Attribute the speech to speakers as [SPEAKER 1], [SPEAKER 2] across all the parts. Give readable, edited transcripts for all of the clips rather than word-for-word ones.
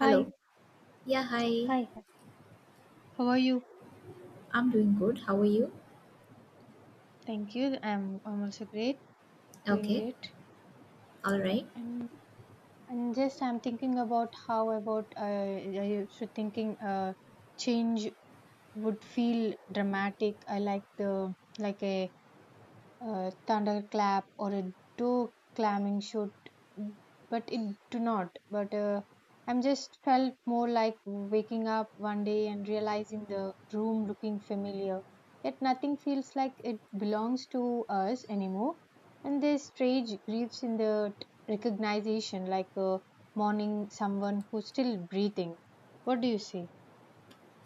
[SPEAKER 1] Hi,
[SPEAKER 2] Yeah, hi.
[SPEAKER 1] hi, hi. How are you?
[SPEAKER 2] I'm doing good. How are you?
[SPEAKER 1] Thank you. I'm also great, doing
[SPEAKER 2] Okay.
[SPEAKER 1] great.
[SPEAKER 2] All right.
[SPEAKER 1] And and just I'm thinking about how about I should thinking change would feel dramatic. I like the like a thunderclap or a door clamming should but it do not but I'm just felt more like waking up one day and realizing the room looking familiar yet nothing feels like it belongs to us anymore. And there's strange griefs in the recognition like mourning someone who's still breathing. What do you say?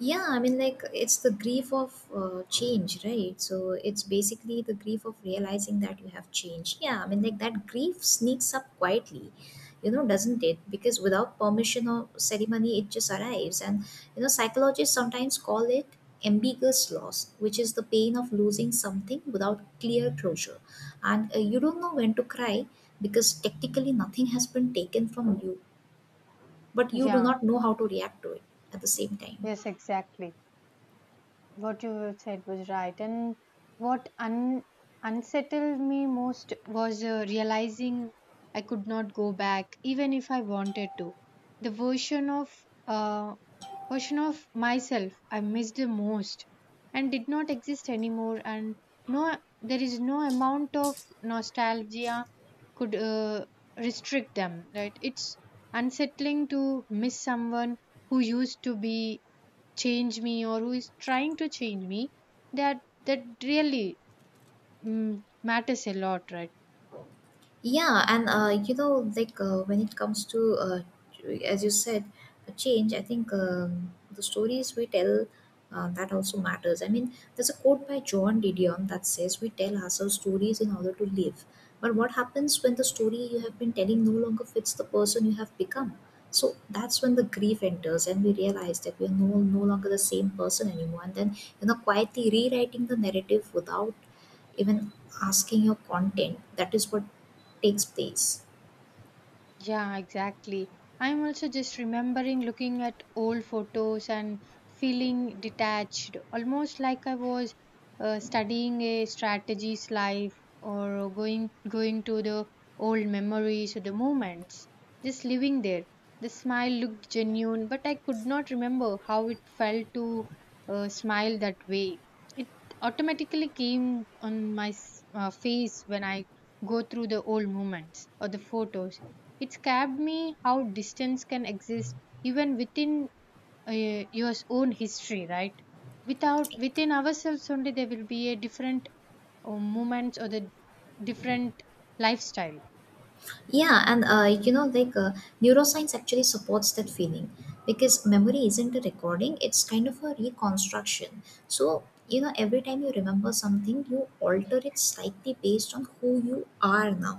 [SPEAKER 2] Yeah, I mean, like, it's the grief of change, right? So it's basically the grief of realizing that you have changed. Yeah, I mean, like, that grief sneaks up quietly, you know, doesn't it? Because without permission or ceremony, it just arrives. And, you know, psychologists sometimes call it ambiguous loss, which is the pain of losing something without clear closure. And you don't know when to cry because technically nothing has been taken from you, but you do
[SPEAKER 1] Yeah,
[SPEAKER 2] not know how to react to it at the same time.
[SPEAKER 1] yes, exactly. What you said was right. And what un- unsettled me most was realizing I could not go back, even if I wanted to. The uh, version of myself I missed the most, and did not exist anymore. And no, there is no amount of nostalgia could restrict them. Right? It's unsettling to miss someone who used to be change me or who is trying to change me, that that really, matters a lot, right?
[SPEAKER 2] Yeah, and you know, like when it comes to, as you said, a change, I think the stories we tell that also matters. I mean, there's a quote by John Didion that says, We tell ourselves stories in order to live. But what happens when the story you have been telling no longer fits the person you have become? So that's when the grief enters, and we realize that we are no longer the same person anymore. And then, you know, quietly rewriting the narrative without even asking your content, that is what takes place.
[SPEAKER 1] Yeah, exactly. I'm also just remembering looking at old photos and feeling detached, almost like I was studying a strategy's life or going to the old memories or the moments, just living there. The smile looked genuine, but I could not remember how it felt to smile that way. It automatically came on my face when I go through the old moments or the photos. It scared me how distance can exist even within your own history, right? Without within ourselves only, there will be a different moments or the different lifestyle.
[SPEAKER 2] Yeah, and you know, like neuroscience actually supports that feeling, because memory isn't a recording, it's kind of a reconstruction. So, you know, every time you remember something, you alter it slightly based on who you are now.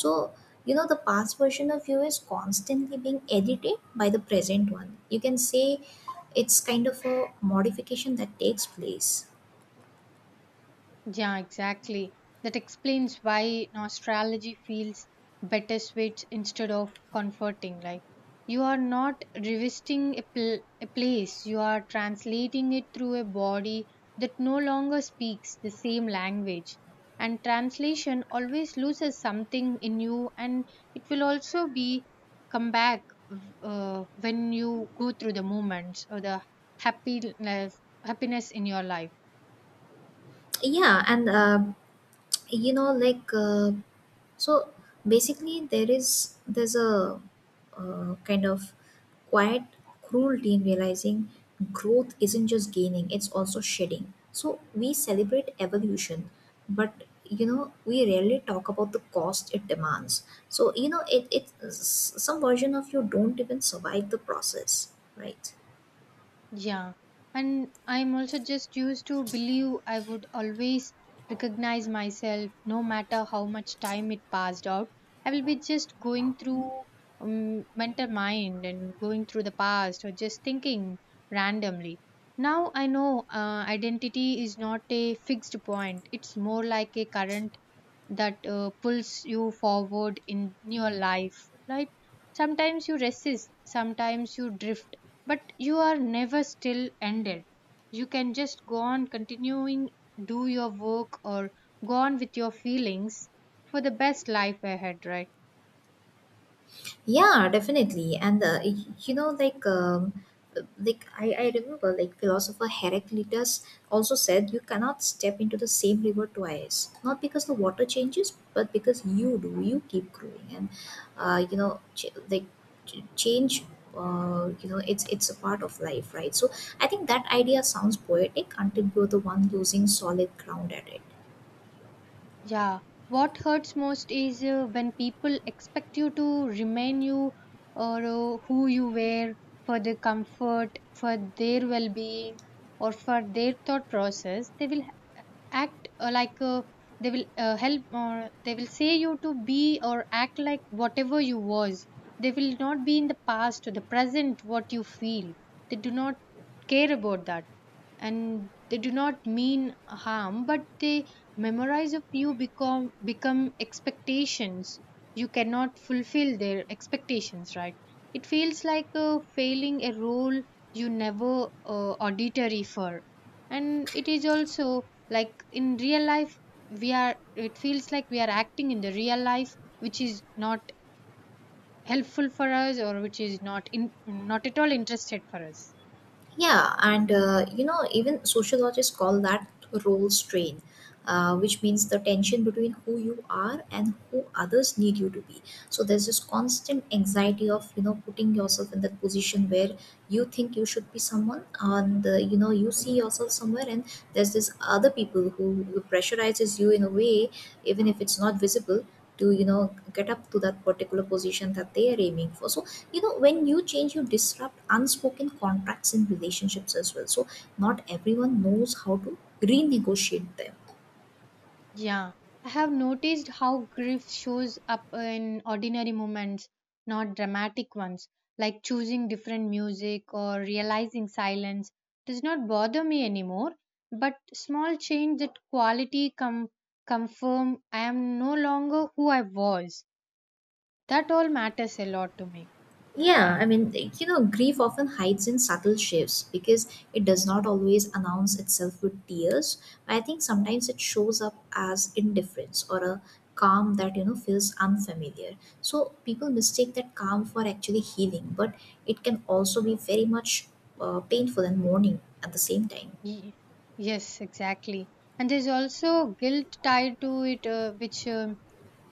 [SPEAKER 2] So, you know, the past version of you is constantly being edited by the present one, you can say. It's kind of a modification that takes place.
[SPEAKER 1] Yeah, exactly. That explains why nostalgia feels bittersweet instead of comforting. Like you are not revisiting a, a place, you are translating it through a body that no longer speaks the same language. And translation always loses something in you, and it will also be come back when you go through the moments or the happiness in your life.
[SPEAKER 2] Yeah, and you know, like so basically, there's a kind of quiet cruelty in realizing growth isn't just gaining, it's also shedding. So we celebrate evolution, but you know, we rarely talk about the cost it demands. So, you know, some version of you don't even survive the process, right?
[SPEAKER 1] Yeah, and I'm also just used to believe I would always recognize myself no matter how much time it passed out. I will be just going through mental mind and going through the past or just thinking randomly. Now I know identity is not a fixed point, it's more like a current that pulls you forward in your life, right? Sometimes you resist, sometimes you drift, but you are never still ended. You can just go on continuing, do your work or go on with your feelings for the best life ahead, right?
[SPEAKER 2] Yeah, definitely. And you know, like I remember, like, philosopher Heraclitus also said, you cannot step into the same river twice. Not because the water changes, but because you do. You keep growing, and you know, change. You know, it's a part of life, right? So I think that idea sounds poetic until you're the one losing solid ground at it.
[SPEAKER 1] Yeah. What hurts most is when people expect you to remain you or who you were for their comfort, for their well-being or for their thought process. They will act they will help or they will say you to be or act like whatever you was. They will not be in the past or the present what you feel. They do not care about that, and they do not mean harm, but they memorize of you become expectations. You cannot fulfill their expectations, right? It feels like failing a role you never auditory for. And it is also like in real life we are, it feels like we are acting in the real life, which is not helpful for us or which is not, in not at all interested for us.
[SPEAKER 2] Yeah, and you know, even sociologists call that role strain, which means the tension between who you are and who others need you to be. So there's this constant anxiety of, you know, putting yourself in that position where you think you should be someone, and you know, you see yourself somewhere, and there's this other people who pressurizes you in a way, even if it's not visible, to, you know, get up to that particular position that they are aiming for. So, you know, when you change, you disrupt unspoken contracts in relationships as well. So not everyone knows how to renegotiate them.
[SPEAKER 1] Yeah, I have noticed how grief shows up in ordinary moments, not dramatic ones, like choosing different music or realizing silence does not bother me anymore. But small change that quality confirm I am no longer who I was. That all matters a lot to me.
[SPEAKER 2] Yeah, I mean, you know, grief often hides in subtle shifts, because it does not always announce itself with tears. I think sometimes it shows up as indifference or a calm that, you know, feels unfamiliar. So people mistake that calm for actually healing, but it can also be very much painful and mourning at the same time.
[SPEAKER 1] Ye- yes, exactly. And there's also guilt tied to it,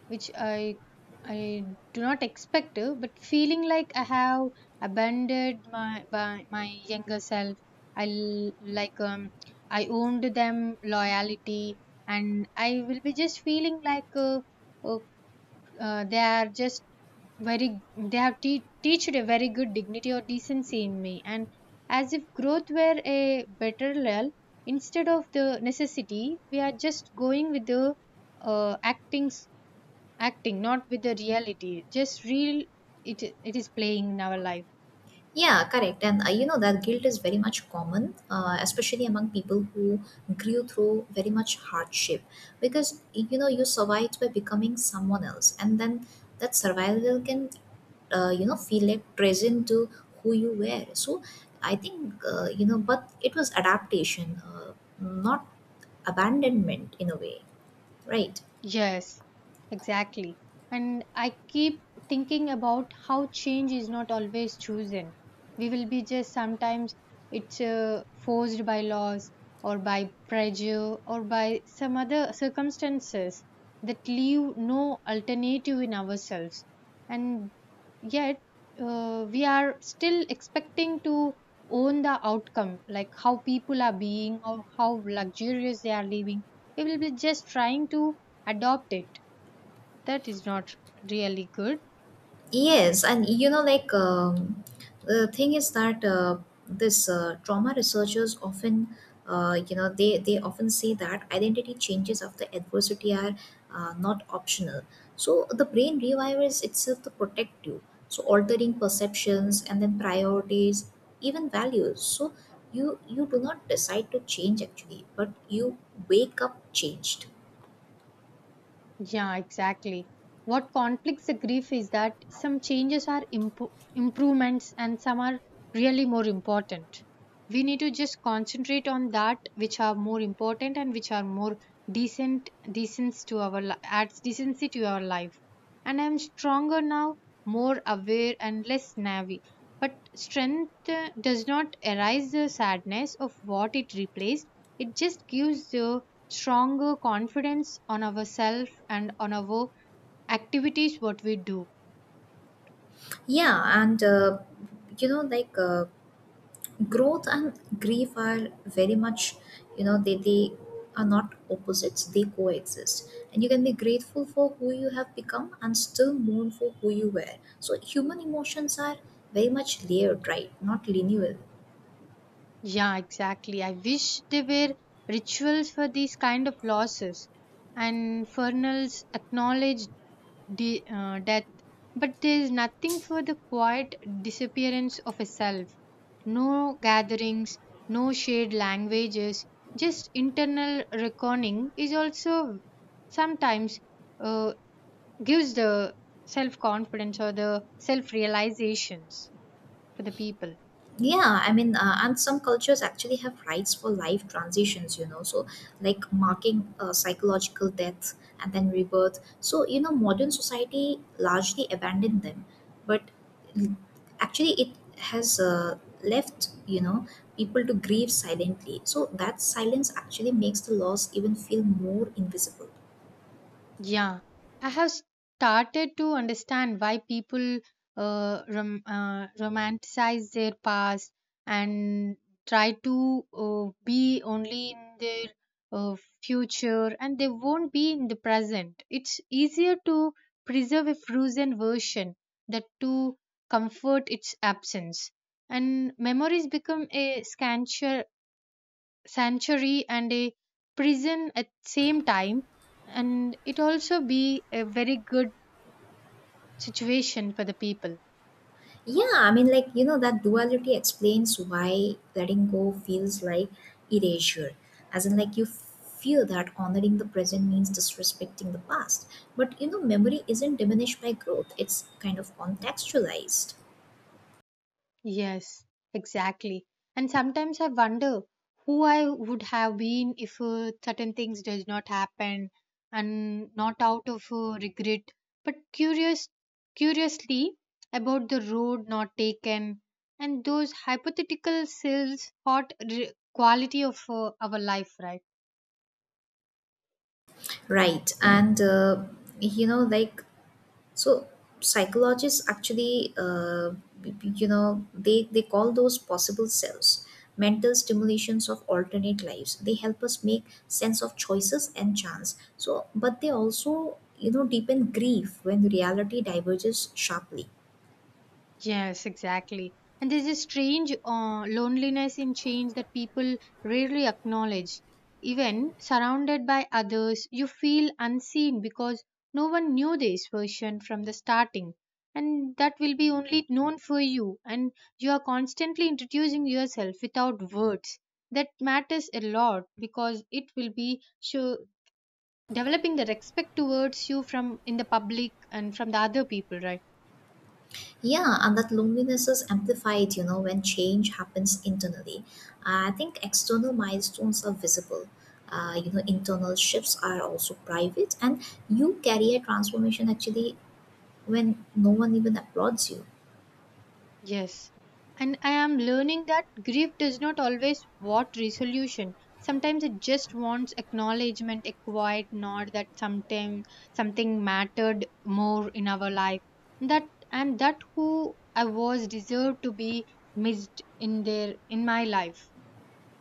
[SPEAKER 1] which I do not expect, but feeling like I have abandoned my by my younger self. I l- like I owned them loyalty, and I will be just feeling like uh, they are just very they have teached a very good dignity or decency in me, and as if growth were a better lull instead of the necessity, we are just going with the acting, acting not with the reality, just real. It is playing in our life.
[SPEAKER 2] Yeah, correct. And you know, that guilt is very much common, especially among people who grew through very much hardship. Because, you know, you survived by becoming someone else, and then that survival can, you know, feel like present to who you were. So I think you know, but it was adaptation, not abandonment in a way, right?
[SPEAKER 1] Yes, exactly. And I keep thinking about how change is not always chosen. We will be just sometimes it's forced by laws or by pressure or by some other circumstances that leave no alternative in ourselves. And yet we are still expecting to own the outcome, like how people are being or how luxurious they are living. We will be just trying to adopt it. That is not really good.
[SPEAKER 2] Yes, and you know, like, the thing is that this trauma researchers often, you know, they often say that identity changes after adversity are not optional. So the brain rewires itself to protect you. So altering perceptions and then priorities, even values. So you do not decide to change actually, but you wake up changed.
[SPEAKER 1] Yeah, exactly. What conflicts the grief is that some changes are improvements and some are really more important. We need to just concentrate on that which are more important and which are more decent, decent to our adds decency to our life. And I'm stronger now, more aware and less navy. But strength does not erase the sadness of what it replaced. It just gives the stronger confidence on ourselves and on our activities what we do.
[SPEAKER 2] Yeah, and you know, growth and grief are very much, you know, they are not opposites, they coexist. And you can be grateful for who you have become and still mourn for who you were. So human emotions are very much layered, right, not linear.
[SPEAKER 1] Yeah, exactly. I wish there were rituals for these kind of losses. And funerals acknowledge the death, but there is nothing for the quiet disappearance of a self. No gatherings, no shared languages, just internal reckoning is also sometimes uh, gives the self confidence or the self realizations for the people.
[SPEAKER 2] Yeah, I mean, and some cultures actually have rites for life transitions, you know, so like marking psychological death and then rebirth. So, you know, modern society largely abandoned them, but l- actually it has left, you know, people to grieve silently. So that silence actually makes the loss even feel more invisible.
[SPEAKER 1] Yeah, I have started to understand why people romanticize their past and try to be only in their uh, future and they won't be in the present. It's easier to preserve a frozen version that to comfort its absence. And memories become a scantier sanctuary and a prison at same time, and it also be a very good situation for the people.
[SPEAKER 2] Yeah, I mean, like, you know, that duality explains why letting go feels like erasure. As in, like, you feel that honoring the present means disrespecting the past. But, you know, memory isn't diminished by growth, it's kind of contextualized.
[SPEAKER 1] Yes, exactly. And sometimes I wonder who I would have been if certain things does not happen, and not out of regret but curiously about the road not taken. And those hypothetical selves hot quality of our life, right?
[SPEAKER 2] Right. And, you know, like, so psychologists actually, you know, they call those possible selves, mental stimulations of alternate lives. They help us make sense of choices and chance. So, but they also, you know, deepen grief when reality diverges sharply.
[SPEAKER 1] Yes, exactly. And there's a strange loneliness in change that people rarely acknowledge. Even surrounded by others, you feel unseen because no one knew this version from the starting. And that will be only known for you. And you are constantly introducing yourself without words. That matters a lot because it will be show, developing the respect towards you from in the public and from the other people, right?
[SPEAKER 2] Yeah, and that loneliness is amplified, you know, when change happens internally. I think external milestones are visible. You know, internal shifts are also private, and you carry a transformation actually when no one even applauds you.
[SPEAKER 1] Yes. And I am learning that grief does not always want resolution. Sometimes it just wants acknowledgement, a quiet nod that sometime something mattered more in our life. That, and that who I was deserved to be missed in their in my life.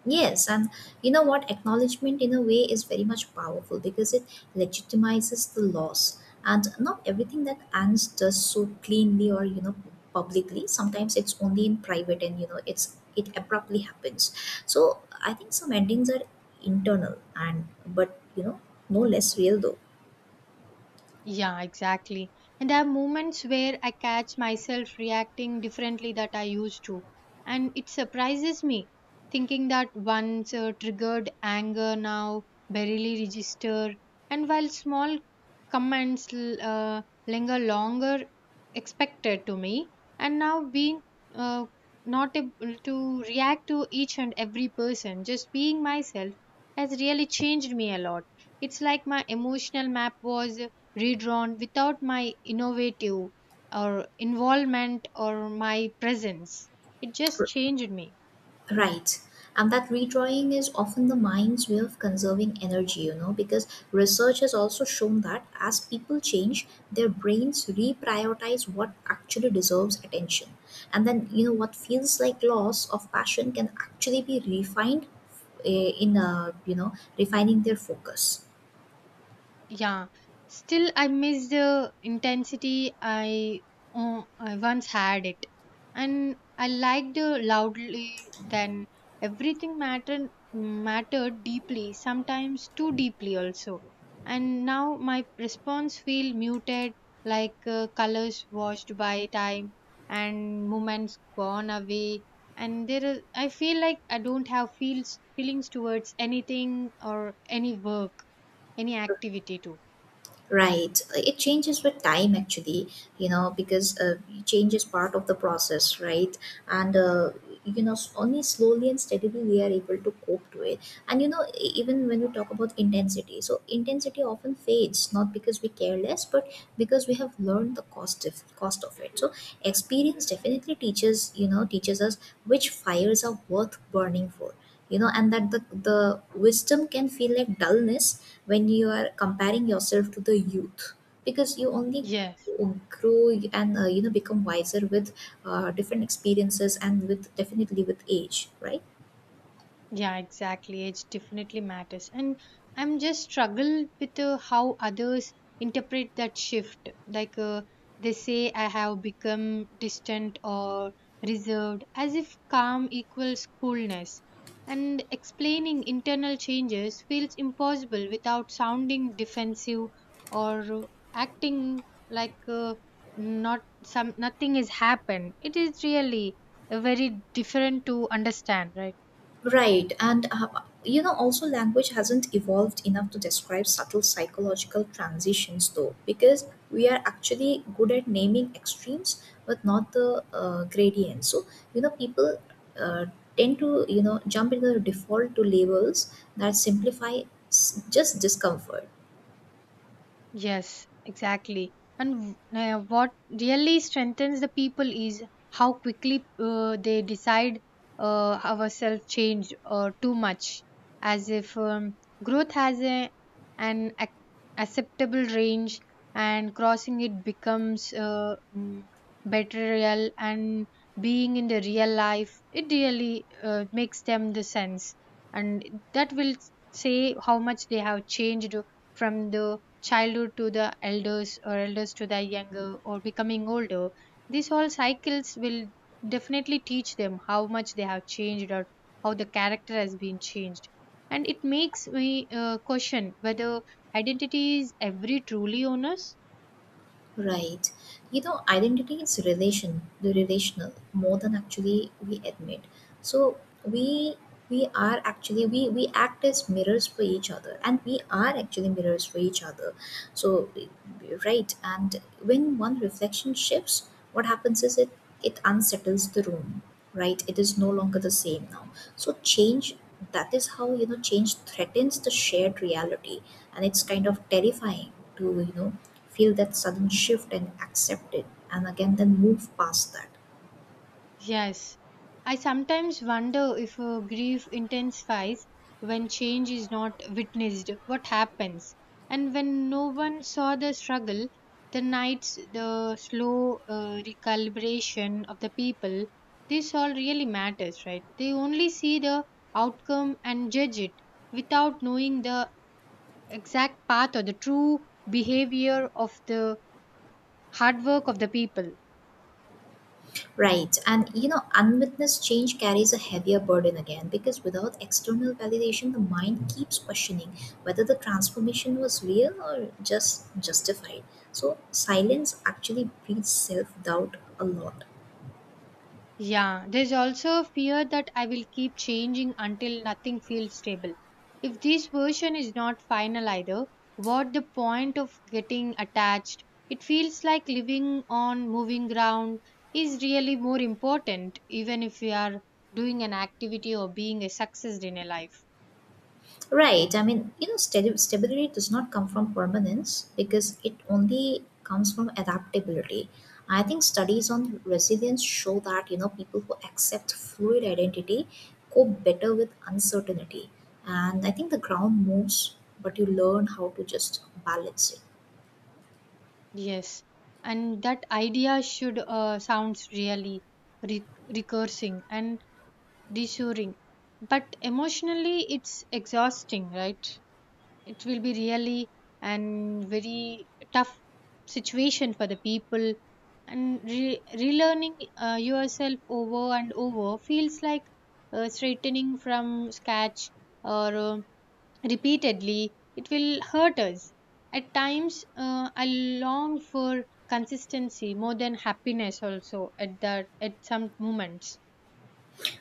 [SPEAKER 2] Yes, and you know what? Acknowledgement in a way is very much powerful because it legitimizes the loss. And not everything that Ans does so cleanly, or you know, publicly. Sometimes it's only in private, and you know, it abruptly happens. So I think some endings are internal, and but you know, no less real though.
[SPEAKER 1] Yeah, exactly. And there are moments where I catch myself reacting differently that I used to. And it surprises me thinking that once triggered anger now barely register. And while small comments linger longer expected to me, and now being uh, not able to react to each and every person, just being myself has really changed me a lot. It's like my emotional map was redrawn without my innovative or involvement or my presence. It just changed me.
[SPEAKER 2] Right. And that redrawing is often the mind's way of conserving energy, you know, because research has also shown that as people change, their brains reprioritize what actually deserves attention. And then, you know, what feels like loss of passion can actually be refined, you know, refining their focus.
[SPEAKER 1] Yeah, still I miss the intensity I once had it, and I liked the loudly. Then everything mattered deeply, sometimes too deeply also. And now my response feel muted, like colors washed by time and moments gone away. And there is, I feel like I don't have feels feelings towards anything or any work, any activity too.
[SPEAKER 2] Right. It changes with time, actually, you know, because change is part of the process, right? And, you know, only slowly and steadily we are able to cope to it. And, you know, even when we talk about intensity, so intensity often fades, not because we care less, but because we have learned the cost of it. So experience definitely teaches, you know, teaches us which fires are worth burning for. You know, and that the wisdom can feel like dullness when you are comparing yourself to the youth, because you only
[SPEAKER 1] Yes,
[SPEAKER 2] grow and you know, become wiser with different experiences and with, definitely with age, right?
[SPEAKER 1] yeah, exactly. Age definitely matters. And I'm just struggled with how others interpret that shift. Like they say I have become distant or reserved, as if calm equals coolness. And explaining internal changes feels impossible without sounding defensive or acting like not some nothing has happened. It is really very different to understand, right?
[SPEAKER 2] Right, and you know, also language hasn't evolved enough to describe subtle psychological transitions, though, because we are actually good at naming extremes but not the gradients. So, you know, people uh, tend to, you know, jump into the default to labels that simplify just discomfort.
[SPEAKER 1] Yes, exactly. And what really strengthens the people is how quickly they decide ourselves change too much, as if growth has a, an ac- acceptable range and crossing it becomes better real and being in the real life, it really makes them the sense. And that will say how much they have changed from the childhood to the elders or elders to the younger or becoming older. These all cycles will definitely teach them how much they have changed or how the character has been changed. And it makes me question whether identity is every truly on us.
[SPEAKER 2] Right. You know, identity is relation, the relational, more than actually we admit. So we we are actually, we act as mirrors for each other, and we are actually mirrors for each other. So right, and when one reflection shifts, what happens is it unsettles the room, right? It is no longer the same now. So change, that is how, you know, change threatens the shared reality. And it's kind of terrifying to, you know, feel that sudden shift and accept it and again then move past that.
[SPEAKER 1] Yes, I sometimes wonder if grief intensifies when change is not witnessed. What happens? And when no one saw the struggle, the nights, the slow recalibration of the people, this all really matters, right? They only see the outcome and judge it without knowing the exact path or the true behavior of the hard work of the people.
[SPEAKER 2] Right, and you know, unwitnessed change carries a heavier burden, again because without external validation the mind keeps questioning whether the transformation was real or just justified. So silence actually breeds self doubt a lot.
[SPEAKER 1] Yeah, there's also fear that I will keep changing until nothing feels stable. If this version is not final either, what the point of getting attached? It feels like living on moving ground is really more important, even if we are doing an activity or being a success in a life.
[SPEAKER 2] Right. I mean, you know, stability does not come from permanence, because it only comes from adaptability. I think studies on resilience show that, you know, people who accept fluid identity cope better with uncertainty. And I think the ground moves, but you learn how to just balance it.
[SPEAKER 1] Yes, and that idea should sounds really re- recursing and reassuring, but emotionally it's exhausting, right? It will be really and very tough situation for the people and relearning yourself over and over feels like straightening from scratch or repeatedly it will hurt us at times I long for consistency more than happiness also at that at some moments.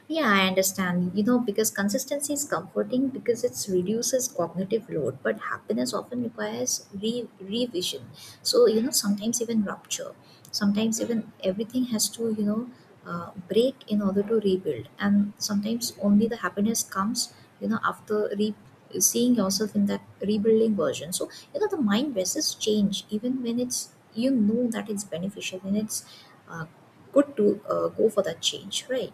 [SPEAKER 2] Yeah, I understand. You know, because consistency is comforting, because it reduces cognitive load, but happiness often requires revision. So, you know, sometimes even rupture. Sometimes even everything has to, you know, break in order to rebuild. And sometimes only the happiness comes, you know, after seeing yourself in that rebuilding version. So, you know, the mind resists change even when it's, you know, that it's beneficial and it's uh, good to go for that change, right?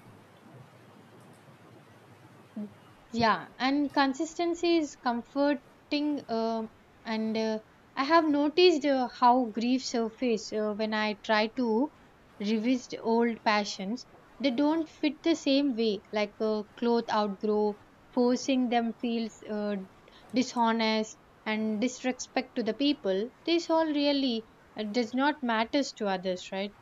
[SPEAKER 1] Yeah, and consistency is comforting, and I have noticed how grief surface when I try to revisit old passions. They don't fit the same way like cloth outgrow. Forcing them feels dishonest and disrespect to the people. This all really does not matters to others, right?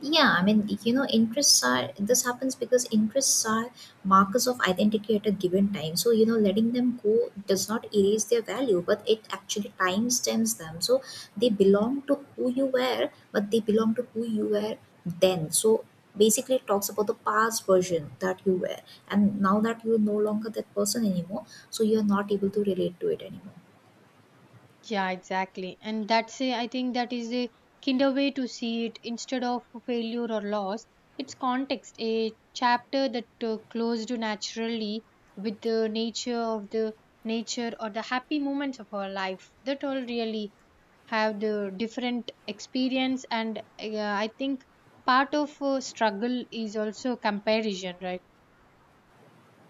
[SPEAKER 2] Yeah, I mean, you know, interests are this happens because interests are markers of identity at a given time. So, you know, letting them go does not erase their value, but it actually timestamps them. So they belong to who you were, but they belong to who you were then. So basically, it talks about the past version that you were, and now that you're no longer that person anymore, so you're not able to relate to it anymore.
[SPEAKER 1] Yeah, exactly. And that's a, I think that is a kinder way to see it instead of failure or loss. It's context, a chapter that closed naturally with the nature of the nature or the happy moments of our life that all really have the different experience. And I think part of struggle is also comparison, right?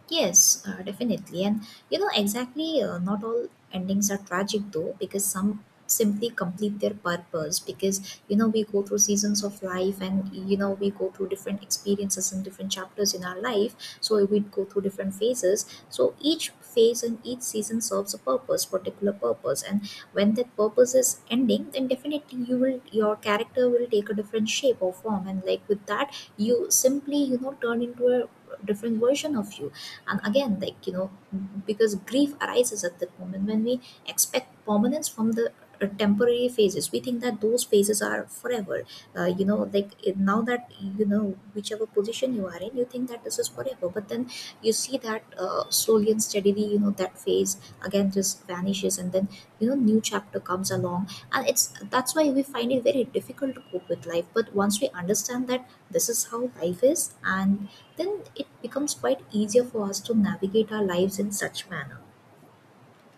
[SPEAKER 2] Yes, definitely. And you know, exactly, not all endings are tragic though, because some simply complete their purpose. Because, you know, we go through seasons of life and, you know, we go through different experiences and different chapters in our life. So we go through different phases. So each phase and each season serves a purpose, particular purpose. And when that purpose is ending, then definitely you will, your character will take a different shape or form. And like with that, you simply, you know, turn into a different version of you. And again, like, you know, because grief arises at that moment when we expect permanence from the temporary phases. We think that those phases are forever. You know, like now that you know, whichever position you are in, you think that this is forever, but then you see that slowly and steadily, you know, that phase again just vanishes, and then, you know, new chapter comes along, and it's that's why we find it very difficult to cope with life. But once we understand that this is how life is, and then it becomes quite easier for us to navigate our lives in such manner.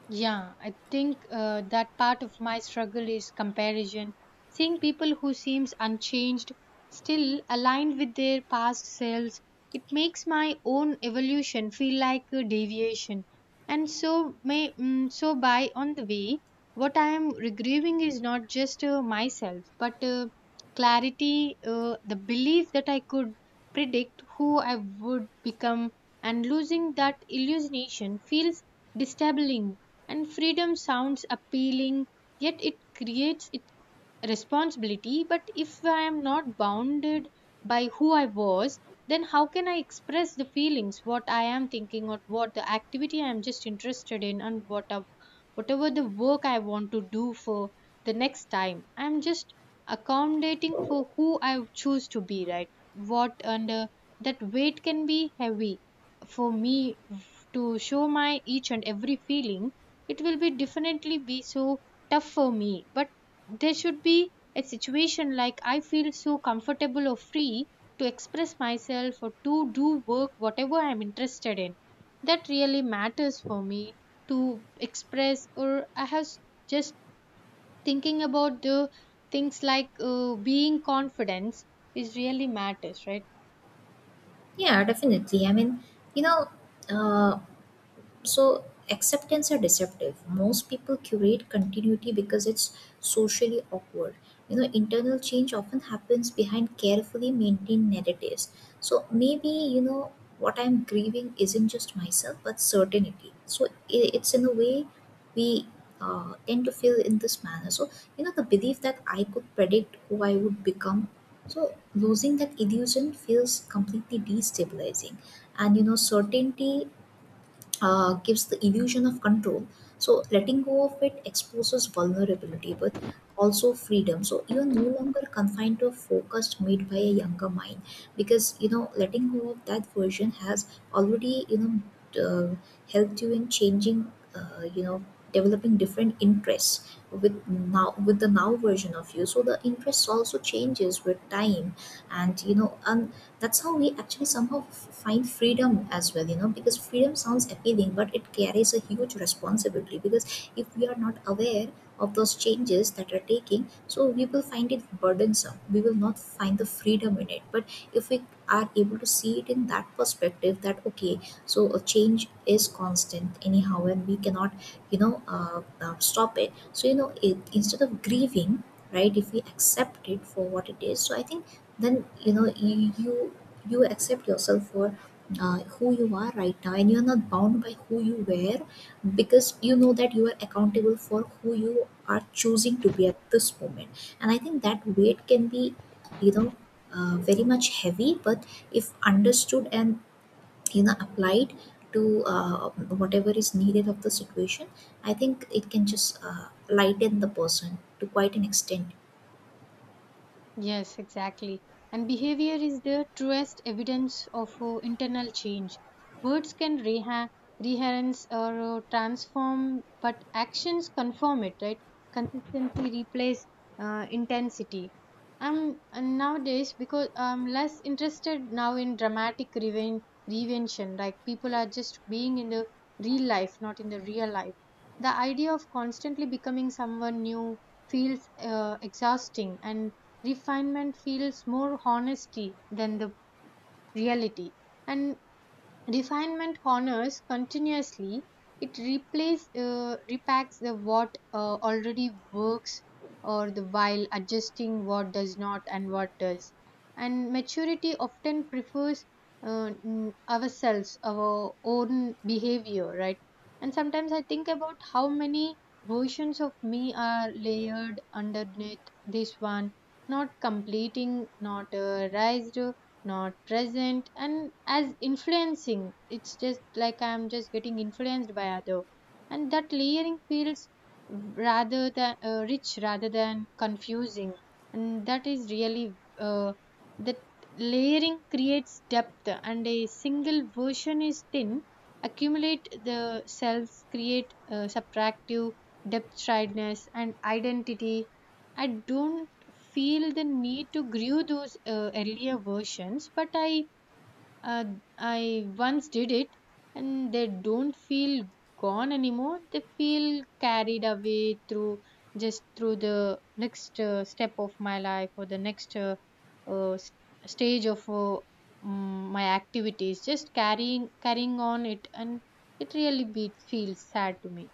[SPEAKER 1] Yeah, I think that part of my struggle is comparison. Seeing people who seems unchanged, still aligned with their past selves, it makes my own evolution feel like a deviation. And so so by on the way, what I am regrieving is not just myself, but clarity, the belief that I could predict who I would become, and losing that illusionation feels disabling, and freedom sounds appealing, yet it creates it responsibility. But if I am not bounded by who I was, then how can I express the feelings what I am thinking, or what the activity I am just interested in, and whatever the work I want to do for the next time, I am just accommodating for who I choose to be, right? what and That weight can be heavy for me to show my each and every feeling. It will be definitely be so tough for me, but there should be a situation like I feel so comfortable or free to express myself or to do work whatever I'm interested in. That really matters for me to express, or just thinking about the things like being confidence is really matters, right?
[SPEAKER 2] Yeah, definitely. I mean, you know, uh, so acceptance are deceptive. Most people curate continuity because it's socially awkward. You know, internal change often happens behind carefully maintained narratives. So maybe, you know, what I'm grieving isn't just myself but certainty. So it's in a way we tend to feel in this manner. So you know, the belief that I could predict who I would become, so losing that illusion feels completely destabilizing. And you know, certainty gives the illusion of control. So letting go of it exposes vulnerability, but also freedom. So you're no longer confined to a focus made by a younger mind, because you know letting go of that version has already, you know, uh, helped you in changing, you know, developing different interests with now, with the now version of you. So the interests also changes with time, and you know, and that's how we actually somehow find freedom as well. You know, because freedom sounds appealing, but it carries a huge responsibility. Because if we are not aware of those changes that are taking, so we will find it burdensome, we will not find the freedom in it. But if we are able to see it in that perspective, that okay, so a change is constant anyhow and we cannot, you know, stop it. So you know, it, instead of grieving, right, if we accept it for what it is, so I think then, you know, you you accept yourself for who you are right now, and you're not bound by who you were, because you know that you are accountable for who you are choosing to be at this moment. And I think that weight can be, you know, very much heavy. But if understood and, you know, applied to whatever is needed of the situation, I think it can just lighten the person to quite an extent.
[SPEAKER 1] Yes, exactly. And behavior is the truest evidence of internal change. Words can reherence or transform, but actions confirm it, right? Consistency replace intensity. And nowadays, because I'm less interested now in dramatic reinvention, like people are just being in the real life, not in the real life. The idea of constantly becoming someone new feels exhausting, and refinement feels more honesty than the reality, and refinement honors continuously. It replace repacks the what already works, or the while adjusting what does not and what does. And maturity often prefers ourselves our own behavior, right? And sometimes I think about how many versions of me are layered underneath this one, not completing, not raised, not present, and as influencing, it's just like I'm just getting influenced by other, and that layering feels, rather than rich rather than confusing, and that is really that layering creates depth, and a single version is thin. Accumulate the selves create subtractive depth, triedness and identity. I don't feel the need to grew those earlier versions, but uh, I once did it, and they don't feel gone anymore. They feel carried away through, just through the next step of my life, or the next uh, s- stage of my activities, just carrying on it, and feels sad to me.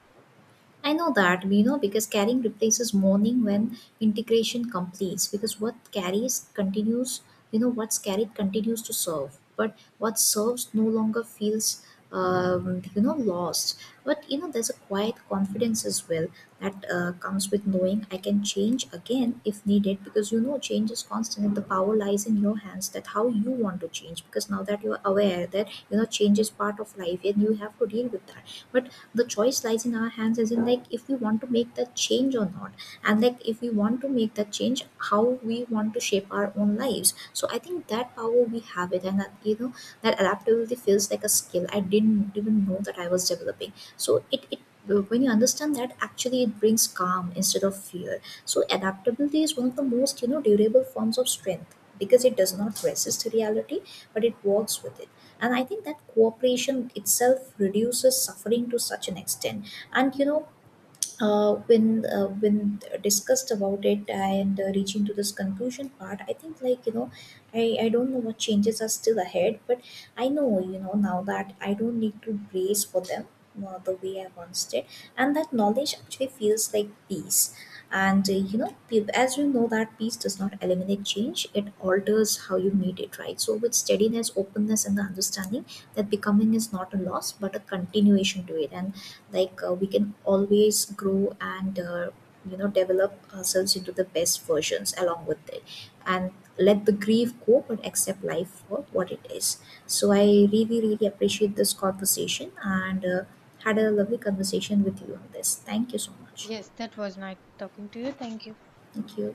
[SPEAKER 2] I know that, you know, because carrying replaces mourning when integration completes. Because what carries continues, you know, what's carried continues to serve, but what serves no longer feels, you know, lost. But you know, there's a quiet confidence as well that comes with knowing I can change again if needed. Because you know, change is constant, and the power lies in your hands. That how you want to change. Because now that you're aware that you know change is part of life, and you have to deal with that. But the choice lies in our hands, as in like if we want to make that change or not, and like if we want to make that change, how we want to shape our own lives. So I think that power we have it, and that you know, that adaptability feels like a skill I didn't even know that I was developing. So it when you understand that, actually it brings calm instead of fear. So adaptability is one of the most, you know, durable forms of strength, because it does not resist reality, but it works with it. And I think that cooperation itself reduces suffering to such an extent. And you know, when discussed about it, and reaching to this conclusion part, I think like, you know, I don't know what changes are still ahead, but I know, you know, now that I don't need to brace for them the way I once did. And that knowledge actually feels like peace. And you know, as you know that peace does not eliminate change, it alters how you meet it, right? So with steadiness, openness, and the understanding that becoming is not a loss but a continuation to it. And like, we can always grow and, you know, develop ourselves into the best versions along with it, and let the grief go, but accept life for what it is. So I really really appreciate this conversation, and had a lovely conversation with you on this. Thank you so much.
[SPEAKER 1] Yes, that was nice talking to you. Thank you.
[SPEAKER 2] Thank you.